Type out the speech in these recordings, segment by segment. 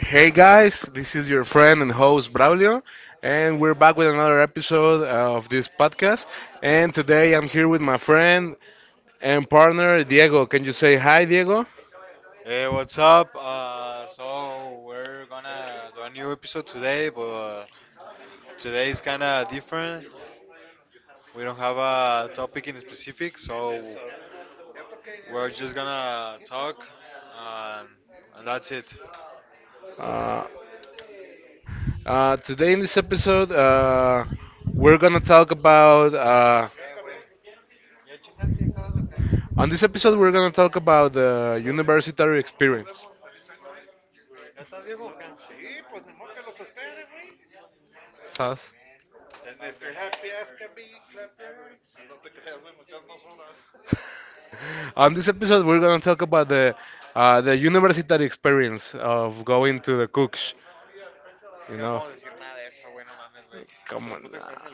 Hey guys, this is your friend and host Braulio, and we're back with another episode of this podcast. And today I'm here with my friend and partner Diego. Can you say hi, Diego? Hey, what's up? So we're gonna do a new episode today, but today is kinda different. We don't have a topic in specific, so we're just gonna talk, and, and that's it. Uh, today in this episode, we're gonna talk about. On this episode, we're gonna talk about the university experience. Sas. On this episode, we're going to talk about the the university experience of going to the cooks. You know, come on. Nah.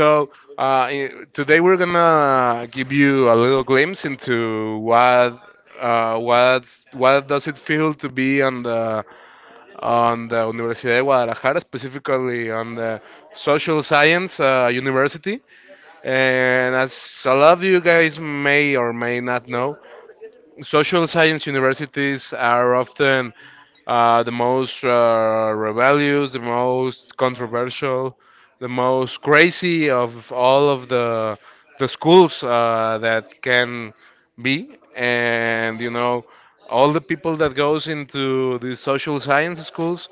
So today we're gonna give you a little glimpse into what uh, what what does it feel to be on the Universidad de Guadalajara, specifically on the social science university. And as a lot of you guys may or may not know, social science universities are often the most rebellious, the most controversial, the most crazy of all of the schools that can be, and you know, all the people that goes into the social science schools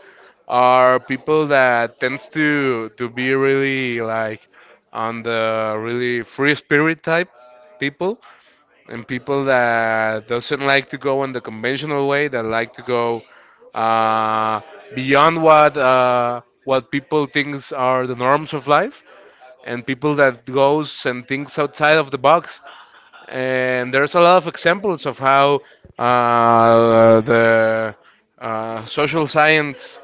are people that tends to be really like on the really free spirit type people, and people that doesn't like to go in the conventional way, that like to go uh, beyond what what people thinks are the norms of life, and people that goes and thinks outside of the box. And there's a lot of examples of how the social science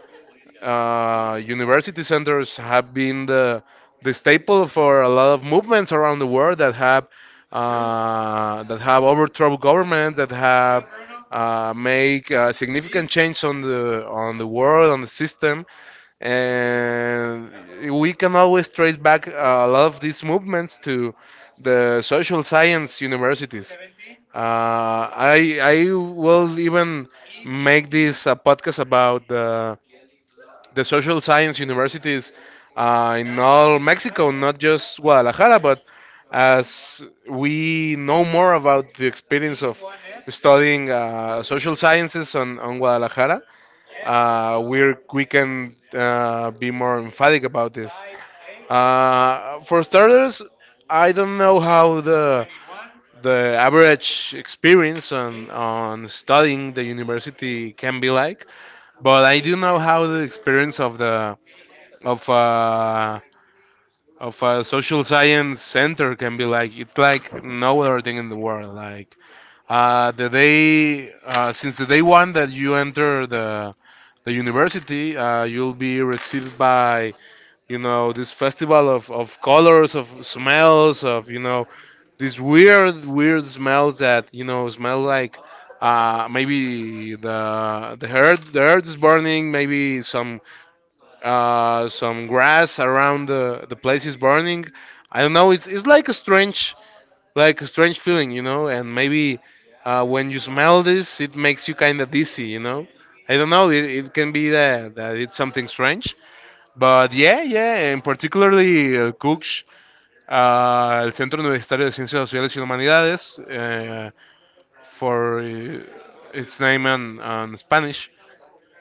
university centers have been the staple for a lot of movements around the world that have that have overthrown governments, that have make significant change on the world, on the system, and we can always trace back a lot of these movements to the social science universities. Uh, I I will even make this a podcast about the social science universities in all Mexico, not just Guadalajara, but as we know more about the experience of studying social sciences on Guadalajara, we can be more emphatic about this. For starters, I don't know how the average experience on studying the university can be like, but I do know how the experience of the of a of a social science center can be like. It's like no other thing in the world. Like the day since the day one that you enter the university, you'll be received by, you know, this festival of colors, of smells, of, you know, these weird smells that, you know, smell like. Maybe the earth is burning. Maybe some grass around the place is burning. I don't know. It's like a strange feeling, you know. And maybe when you smell this, it makes you kind of dizzy, you know. I don't know. It can be that that it's something strange. But yeah, yeah. And particularly Cooks, el Centro Universitario de Ciencias Sociales y Humanidades, for its name in Spanish,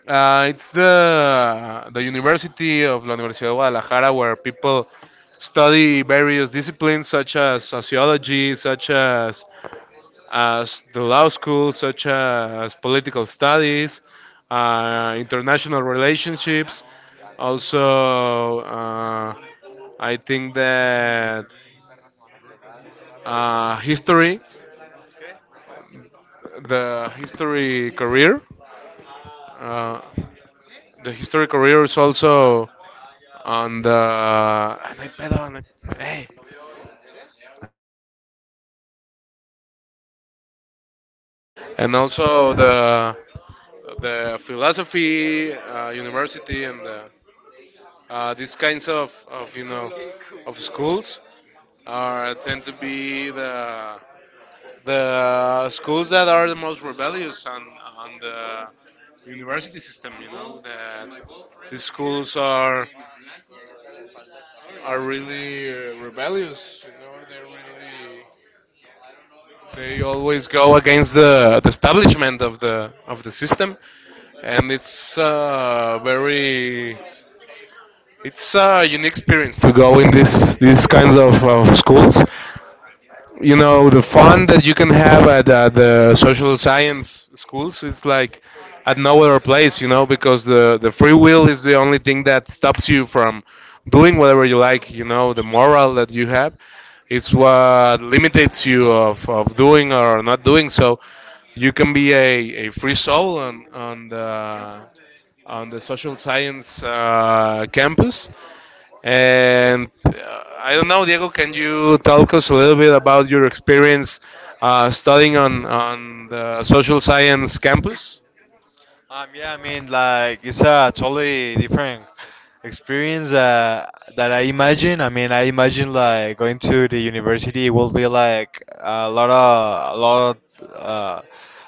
it's the University of La Universidad de Guadalajara, where people study various disciplines such as sociology, such as the law school, such as political studies, international relationships. Also, I think that history, the history career, uh, the history career is also, and I pedal and I, hey, and also the philosophy university, and the, these kinds of, you know, of schools, are tend to be the schools that are the most rebellious on the university system. You know that these schools are really rebellious. You know, they're really... They always go against the establishment of the system, and it's very it's a unique experience to go in this these kinds of schools, you know, the fun that you can have at the social science schools, it's like at no other place, you know, because the free will is the only thing that stops you from doing whatever you like, you know, the moral that you have is what limits you of doing or not doing, so you can be a free soul on the social science campus, and I don't know, Diego, can you talk us a little bit about your experience studying on the social science campus? Yeah, I mean, like, it's a totally different experience that I imagine. I mean, I imagine like going to the university will be like a lot of,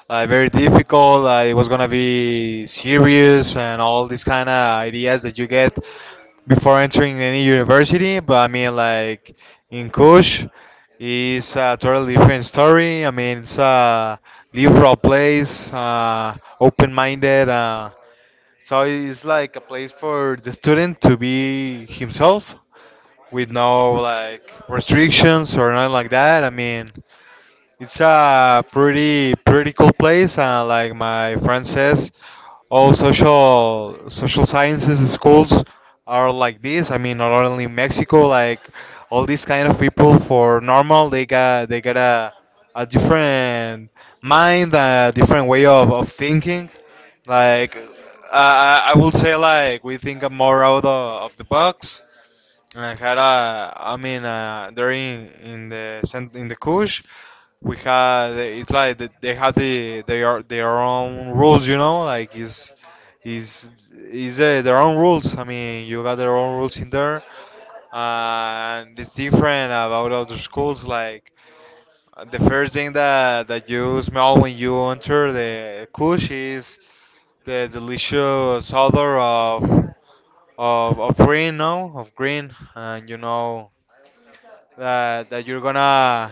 like very difficult. It was gonna be serious and all these kind of ideas that you get before entering any university. But I mean, like in Kush. It's a totally different story. I mean, it's a liberal place, open-minded. So it's like a place for the student to be himself with no like restrictions or nothing like that. I mean, it's a pretty cool place, and like my friend says, all social sciences schools are like this. I mean, not only in Mexico, like all these kind of people for normal, they got a different mind, a different way of thinking. Like I would say, like we think more out of the box. I had a, I mean, during in the Kush, we had it's like they have their own rules, you know, like is their own rules. I mean, you got their own rules in there, and it's different about other schools. Like the first thing that you smell when you enter the Kush is the delicious odor of of green, no, of green, and you know that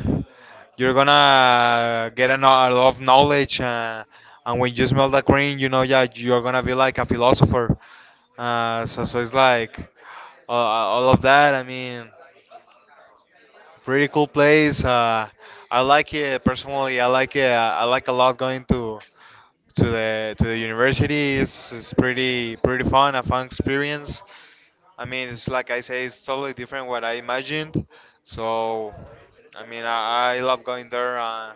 you're gonna get a, no- a lot of knowledge and when you smell that green you know, yeah, you're gonna be like a philosopher. So it's like, all of that. I mean pretty cool place. I like it, personally, I like it. I like a lot going to to the university. It's pretty fun, a fun experience. I mean, it's like I say, it's totally different what I imagined. So, I mean, I love going there.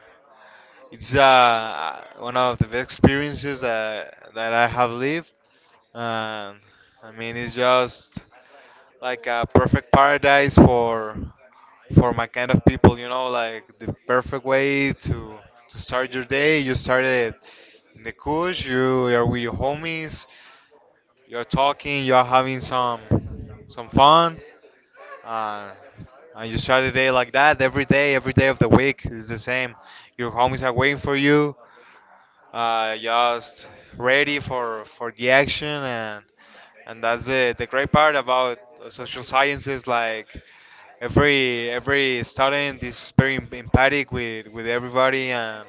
It's one of the best experiences that I have lived. Um, I mean, it's just like a perfect paradise for my kind of people. You know, like the perfect way to start your day. You start it in the couch. You are with your homies. You're talking. You're having some fun, uh, and you start the day like that every day of the week is the same. Your homies are waiting for you, just ready for the action, and that's the great part about social sciences. Like every student is very empathic with everybody, and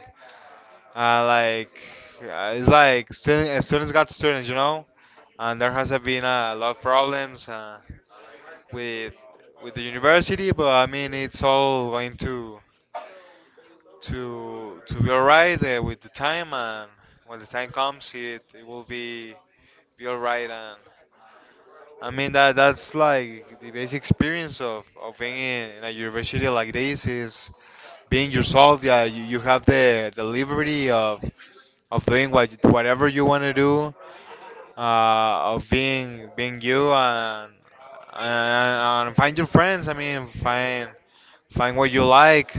uh, like it's like student, students got students, you know, and there has been a lot of problems. With the university, but I mean it's all going to be alright, with the time, and when the time comes, it will be alright. And I mean that's like the basic experience of being in a university like this is being yourself. Yeah, you have the liberty of doing whatever you want to do, of being you, and, and find your friends. I mean, find what you like,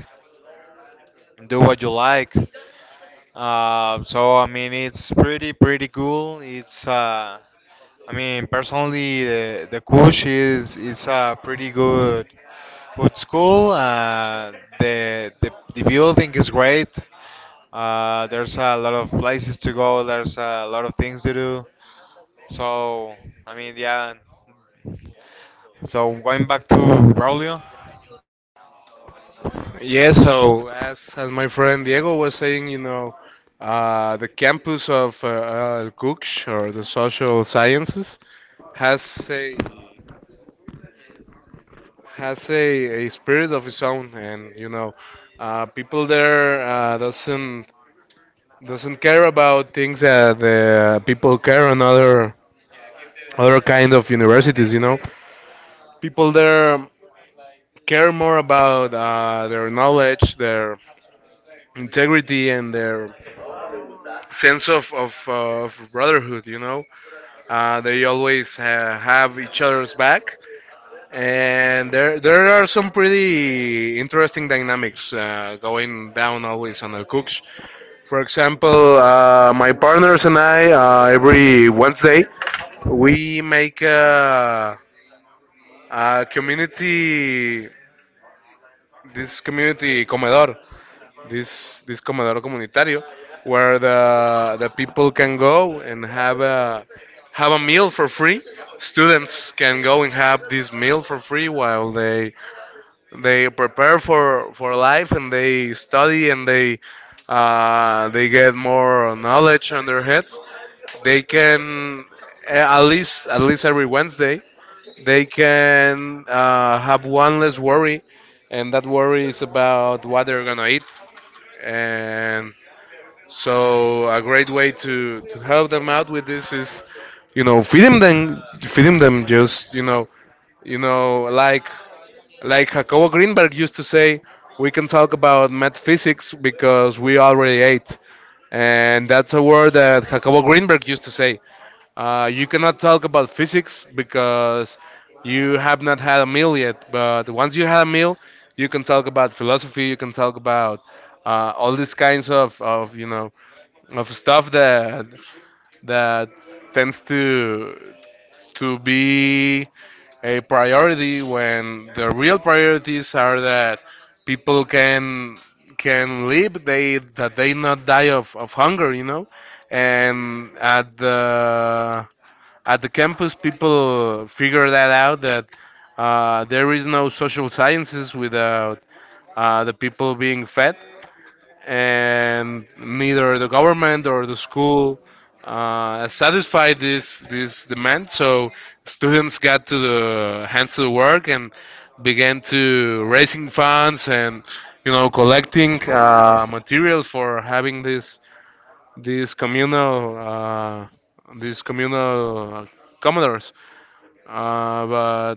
do what you like. So I mean, it's pretty cool. It's I mean, personally, the Kush is a pretty good school. The the building is great. There's a lot of places to go. There's a lot of things to do. So, I mean, yeah. So going back to Braulio. Yes, so as my friend Diego was saying, you know, the campus of Guch, or the social sciences, has a spirit of its own, and, you know, people there doesn't care about things that the people care on other other kind of universities, you know, people there care more about their knowledge, their integrity and their sense of brotherhood, you know, they always have each other's back, and there are some pretty interesting dynamics going down always on the cooks. For example, my partners and I, every Wednesday we make a community, this community comedor, this comedor comunitario, where the people can go and have a meal for free. Students can go and have this meal for free while they prepare for life, and they study, and they they get more knowledge on their heads. They can, at least every Wednesday, they can have one less worry, and that worry is about what they're gonna eat. And so, a great way to help them out with this is, you know, feeding them just, you know, you know, like like Jacobo Greenberg used to say, we can talk about metaphysics because we already ate. And that's a word that Jacobo Greenberg used to say. You cannot talk about physics because you have not had a meal yet. But once you have a meal, you can talk about philosophy. You can talk about all these kinds of, you know, of stuff that that tends to be a priority when the real priorities are that people can live. They, that they not die of hunger, you know, and at the campus people figure that out, that there is no social sciences without the people being fed, and neither the government or the school satisfied this this demand, so students got to the hands to the work, and began to raising funds, and, you know, collecting materials for having this this communal these communal commoners. But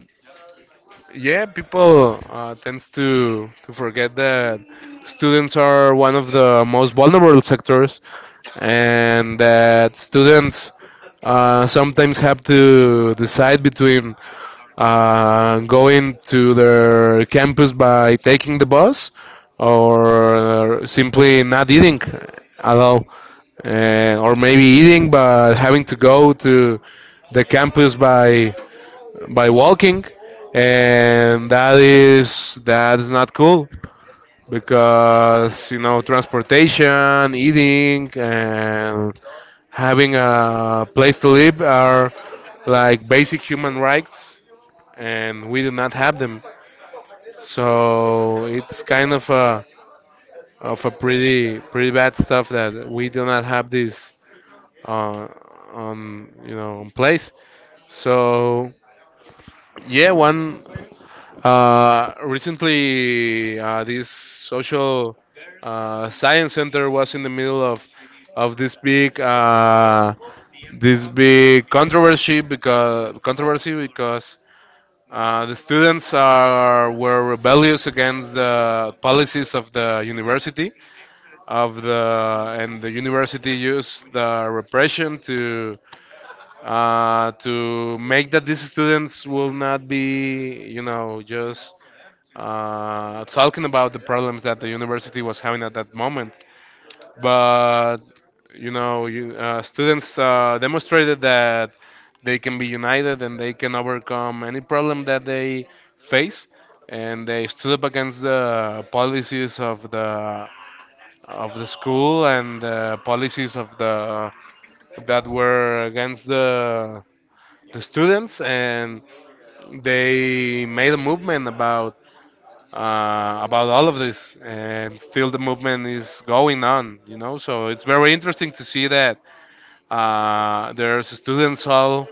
yeah, people tends to forget that students are one of the most vulnerable sectors, and that students sometimes have to decide between going to their campus by taking the bus, or simply not eating at all, or maybe eating but having to go to the campus by walking, and that is that's not cool, because, you know, transportation, eating, and having a place to live are like basic human rights, and we do not have them. So it's kind of a pretty pretty bad stuff that we do not have this uh, on, you know, on place. So yeah, one... recently, this social science center was in the middle of this big this big controversy because the students are were rebellious against the policies of the university of the, and the university used the repression to make that these students will not be, you know, just talking about the problems that the university was having at that moment. But, you know, students demonstrated that they can be united, and they can overcome any problem that they face, and they stood up against the policies of the school, and the policies of the, that were against the students, and they made a movement about about all of this, and still the movement is going on. You know, so it's very interesting to see that there's students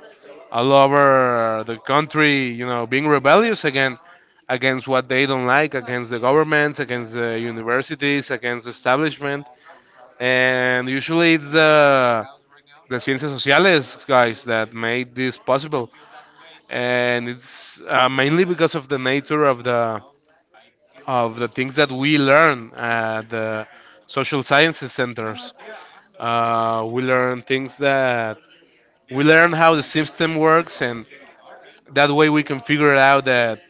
all over the country, you know, being rebellious again against what they don't like, against the governments, against the universities, against the establishment, and usually it's the ciencias sociales guys that made this possible, and it's mainly because of the nature of the things that we learn at the social sciences centers. We learn things, that we learn how the system works, and that way we can figure it out that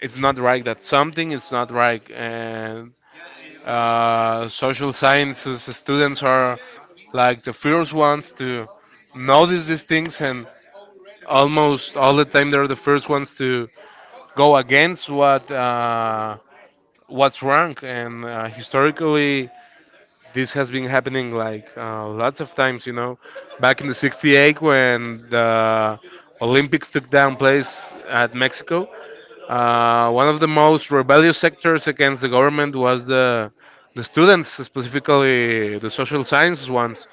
it's not right, that something is not right. And social sciences students are like the first ones to notice these things, and almost all the time they're the first ones to go against what. What's wrong, and historically, this has been happening like lots of times, you know. Back in the 68 when the Olympics took down place at Mexico, one of the most rebellious sectors against the government was the students, specifically the social sciences ones.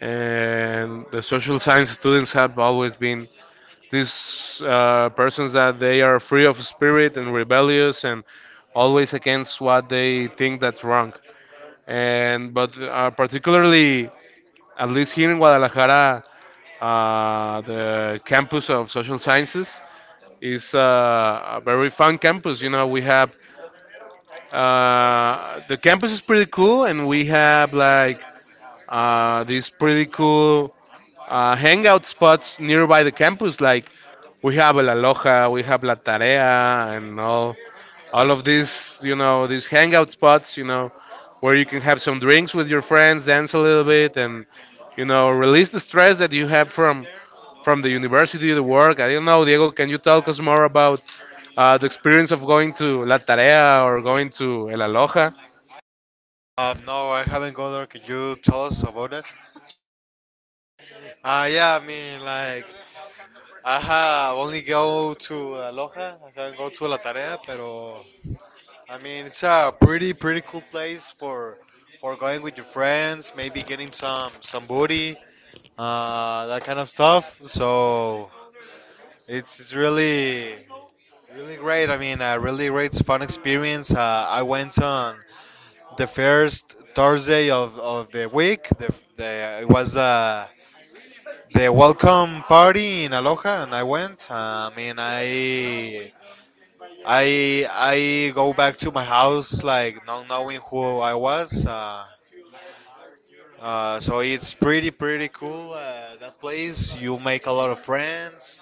And the social science students have always been these persons that they are free of spirit and rebellious and always against what they think that's wrong and but particularly at least here in Guadalajara, the campus of social sciences is a very fun campus. You know, we have the campus is pretty cool, and we have like these pretty cool hangout spots nearby the campus, like. We have El Aloha, we have La Tarea, and all of these, you know, these hangout spots, where you can have some drinks with your friends, dance a little bit, and release the stress that you have from the university, the work. I don't know, Diego, can you tell us more about the experience of going to La Tarea or going to El Aloha? No, I haven't gone there. Could you tell us about it? Yeah, I mean, like, I have only go to Aloha. I haven't go to La Tarea, pero I mean, it's a pretty, pretty cool place for going with your friends, maybe getting some booty, that kind of stuff. So it's really great. I mean, a really great fun experience. I went on the first Thursday of the week. It was the welcome party in Aloha, and I went. I mean, I go back to my house like not knowing who I was. So it's pretty cool. That place you make a lot of friends.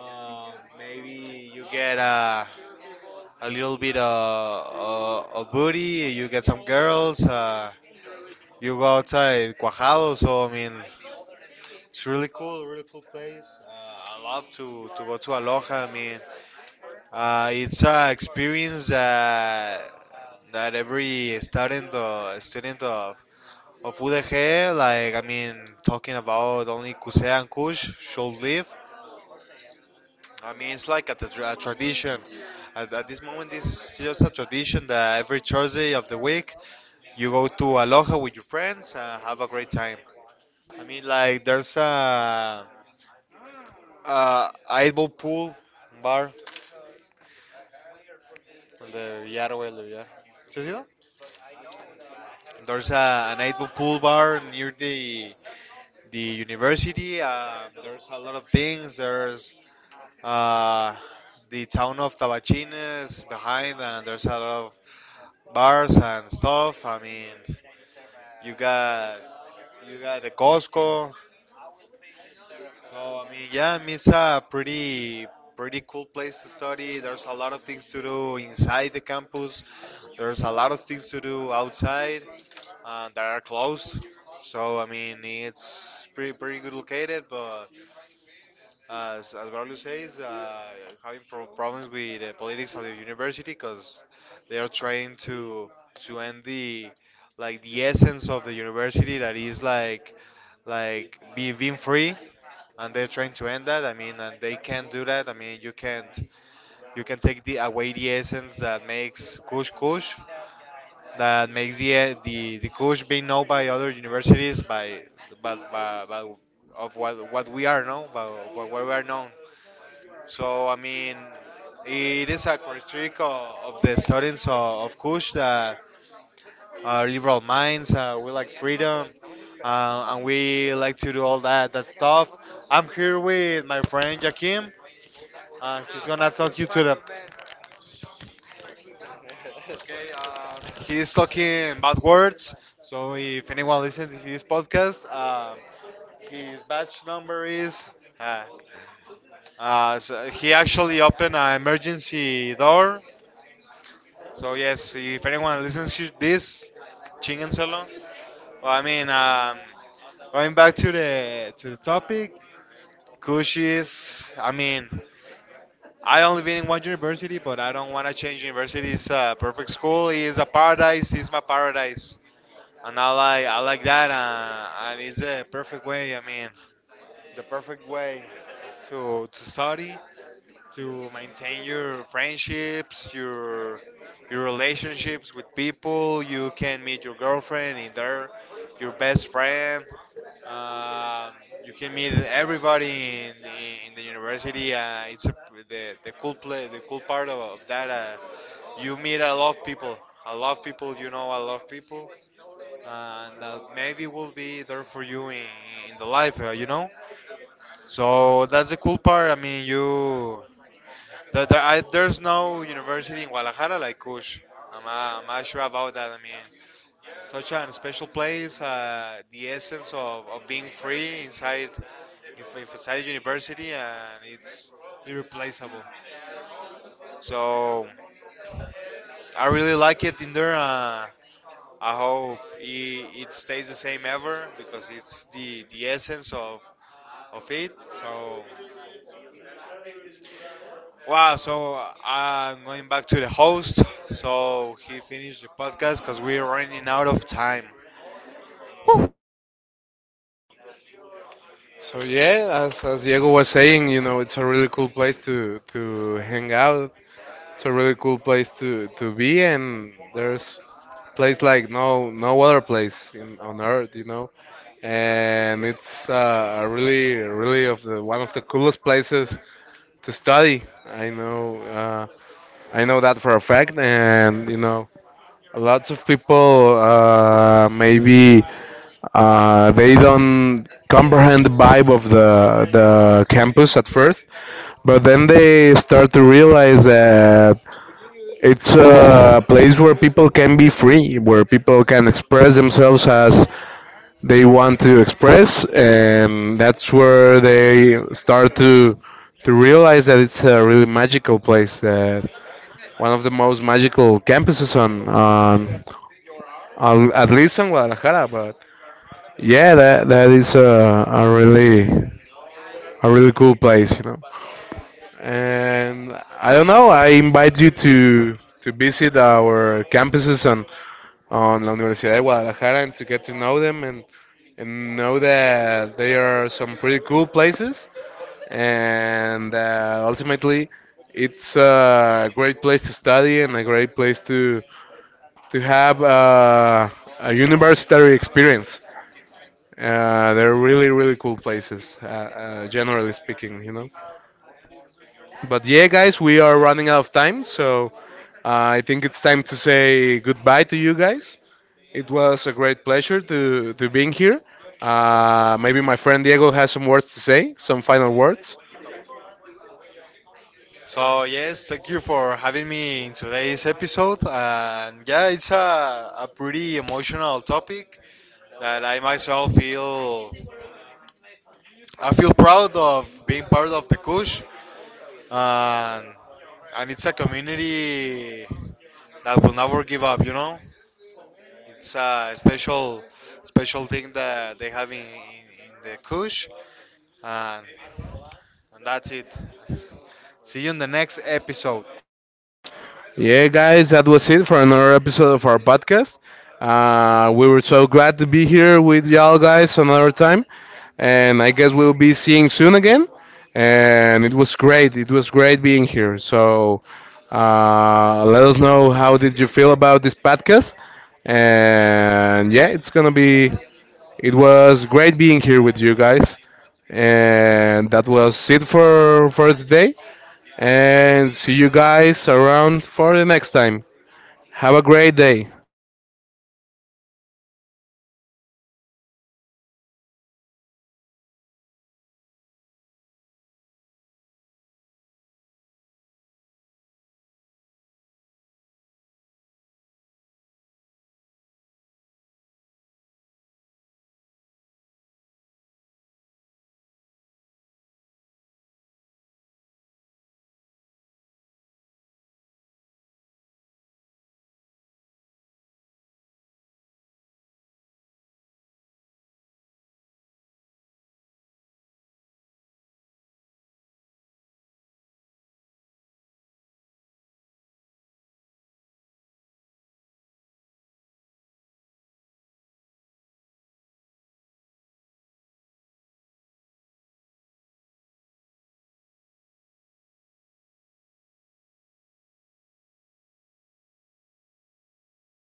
Um, Maybe you get a little bit of booty. You get some girls. You go outside Cuajado, so I mean, it's really cool, really cool place. I love to go to Aloha. I mean, it's an experience that every student of UDG, like I mean, talking about only Kusea and Kush should live. I mean, it's like a tradition. At this moment, it's just a tradition that every Thursday of the week, you go to Aloha with your friends and have a great time. I mean, like there's a eyeball pool bar on the Villar güey, the Villar. ¿Sí has ido? There's a an eight ball pool bar near the university. There's a lot of things. There's uh, the town of Tabachines behind, and there's a lot of bars and stuff. I mean, you got you got the Costco. So I mean, yeah, I mean, it's a pretty cool place to study. There's a lot of things to do inside the campus. There's a lot of things to do outside that are closed. So I mean, it's pretty good located, but as Braulio says, having problems with the politics of the university because they are trying to end the like the essence of the university that is like being free, and they're trying to end that. I mean, and they can't do that. I mean, you can't you can take the away the essence that makes Kush Kush, that makes the the Kush being known by other universities by but by, of what we are known by what we are known. So I mean, it is a characteristic of the students of Kush that are liberal minds. We like freedom, and we like to do all that stuff. I'm here with my friend Jakim. He's gonna talk you to the. Okay, he's talking bad words. So if anyone listens to his podcast, his batch number is. Uh, so he actually opened an emergency door. So yes, if anyone listens to this, Chingan Salon. Well, I mean, going back to the topic, cushies. I mean, I only been in one university, but I don't want to change university. It's a perfect school. It's a paradise. It's my paradise, and I like that. And it's the perfect way. I mean, the perfect way to study to maintain your friendships, your relationships with people. You can meet your girlfriend in there, your best friend. Um, you can meet everybody in the university. It's a, the cool part of that. You meet a lot of people, a lot of people. You know a lot of people, and that maybe will be there for you in the life. You know. So that's the cool part. I mean, you. There's no university in Guadalajara like Kush. I'm not sure about that. I mean, such a special place, the essence of being free inside, if inside university, and it's irreplaceable. So I really like it in there. I hope it stays the same ever because it's the essence of it. So wow, so I'm going back to the host. So he finished the podcast because we're running out of time. So yeah, as Diego was saying, you know, it's a really cool place to hang out. It's a really cool place to be, and there's place like no other place in, on earth, you know. And it's a really really of the one of the coolest places to study. I know that for a fact, and you know lots of people maybe they don't comprehend the vibe of the campus at first, but then they start to realize that it's a place where people can be free, where people can express themselves as they want to express, and that's where they start to realize that it's a really magical place. That one of the most magical campuses on at least in Guadalajara. But yeah, that is a really cool place, you know. And I don't know. I invite you to visit our campuses and on La Universidad de Guadalajara and to get to know them and know that they are some pretty cool places and ultimately it's a great place to study and a great place to have a university experience. They're really really cool places, generally speaking, you know. But yeah, guys, we are running out of time, so I think it's time to say goodbye to you guys. It was a great pleasure to being here. Maybe my friend Diego has some words to say, some final words. So yes, thank you for having me in today's episode. And yeah, it's a pretty emotional topic that I myself feel I feel proud of being part of the Kush. And it's a community that will never give up, you know? It's a special thing that they have in the Kush, and that's it. See you in the next episode. Yeah, guys, that was it for another episode of our podcast. We were so glad to be here with y'all guys another time. And I guess we'll be seeing soon again. And it was great. It was great being here. So let us know how did you feel about this podcast. And yeah, it's going to be It was great being here with you guys. And that was it for today. And see you guys around for the next time. Have a great day.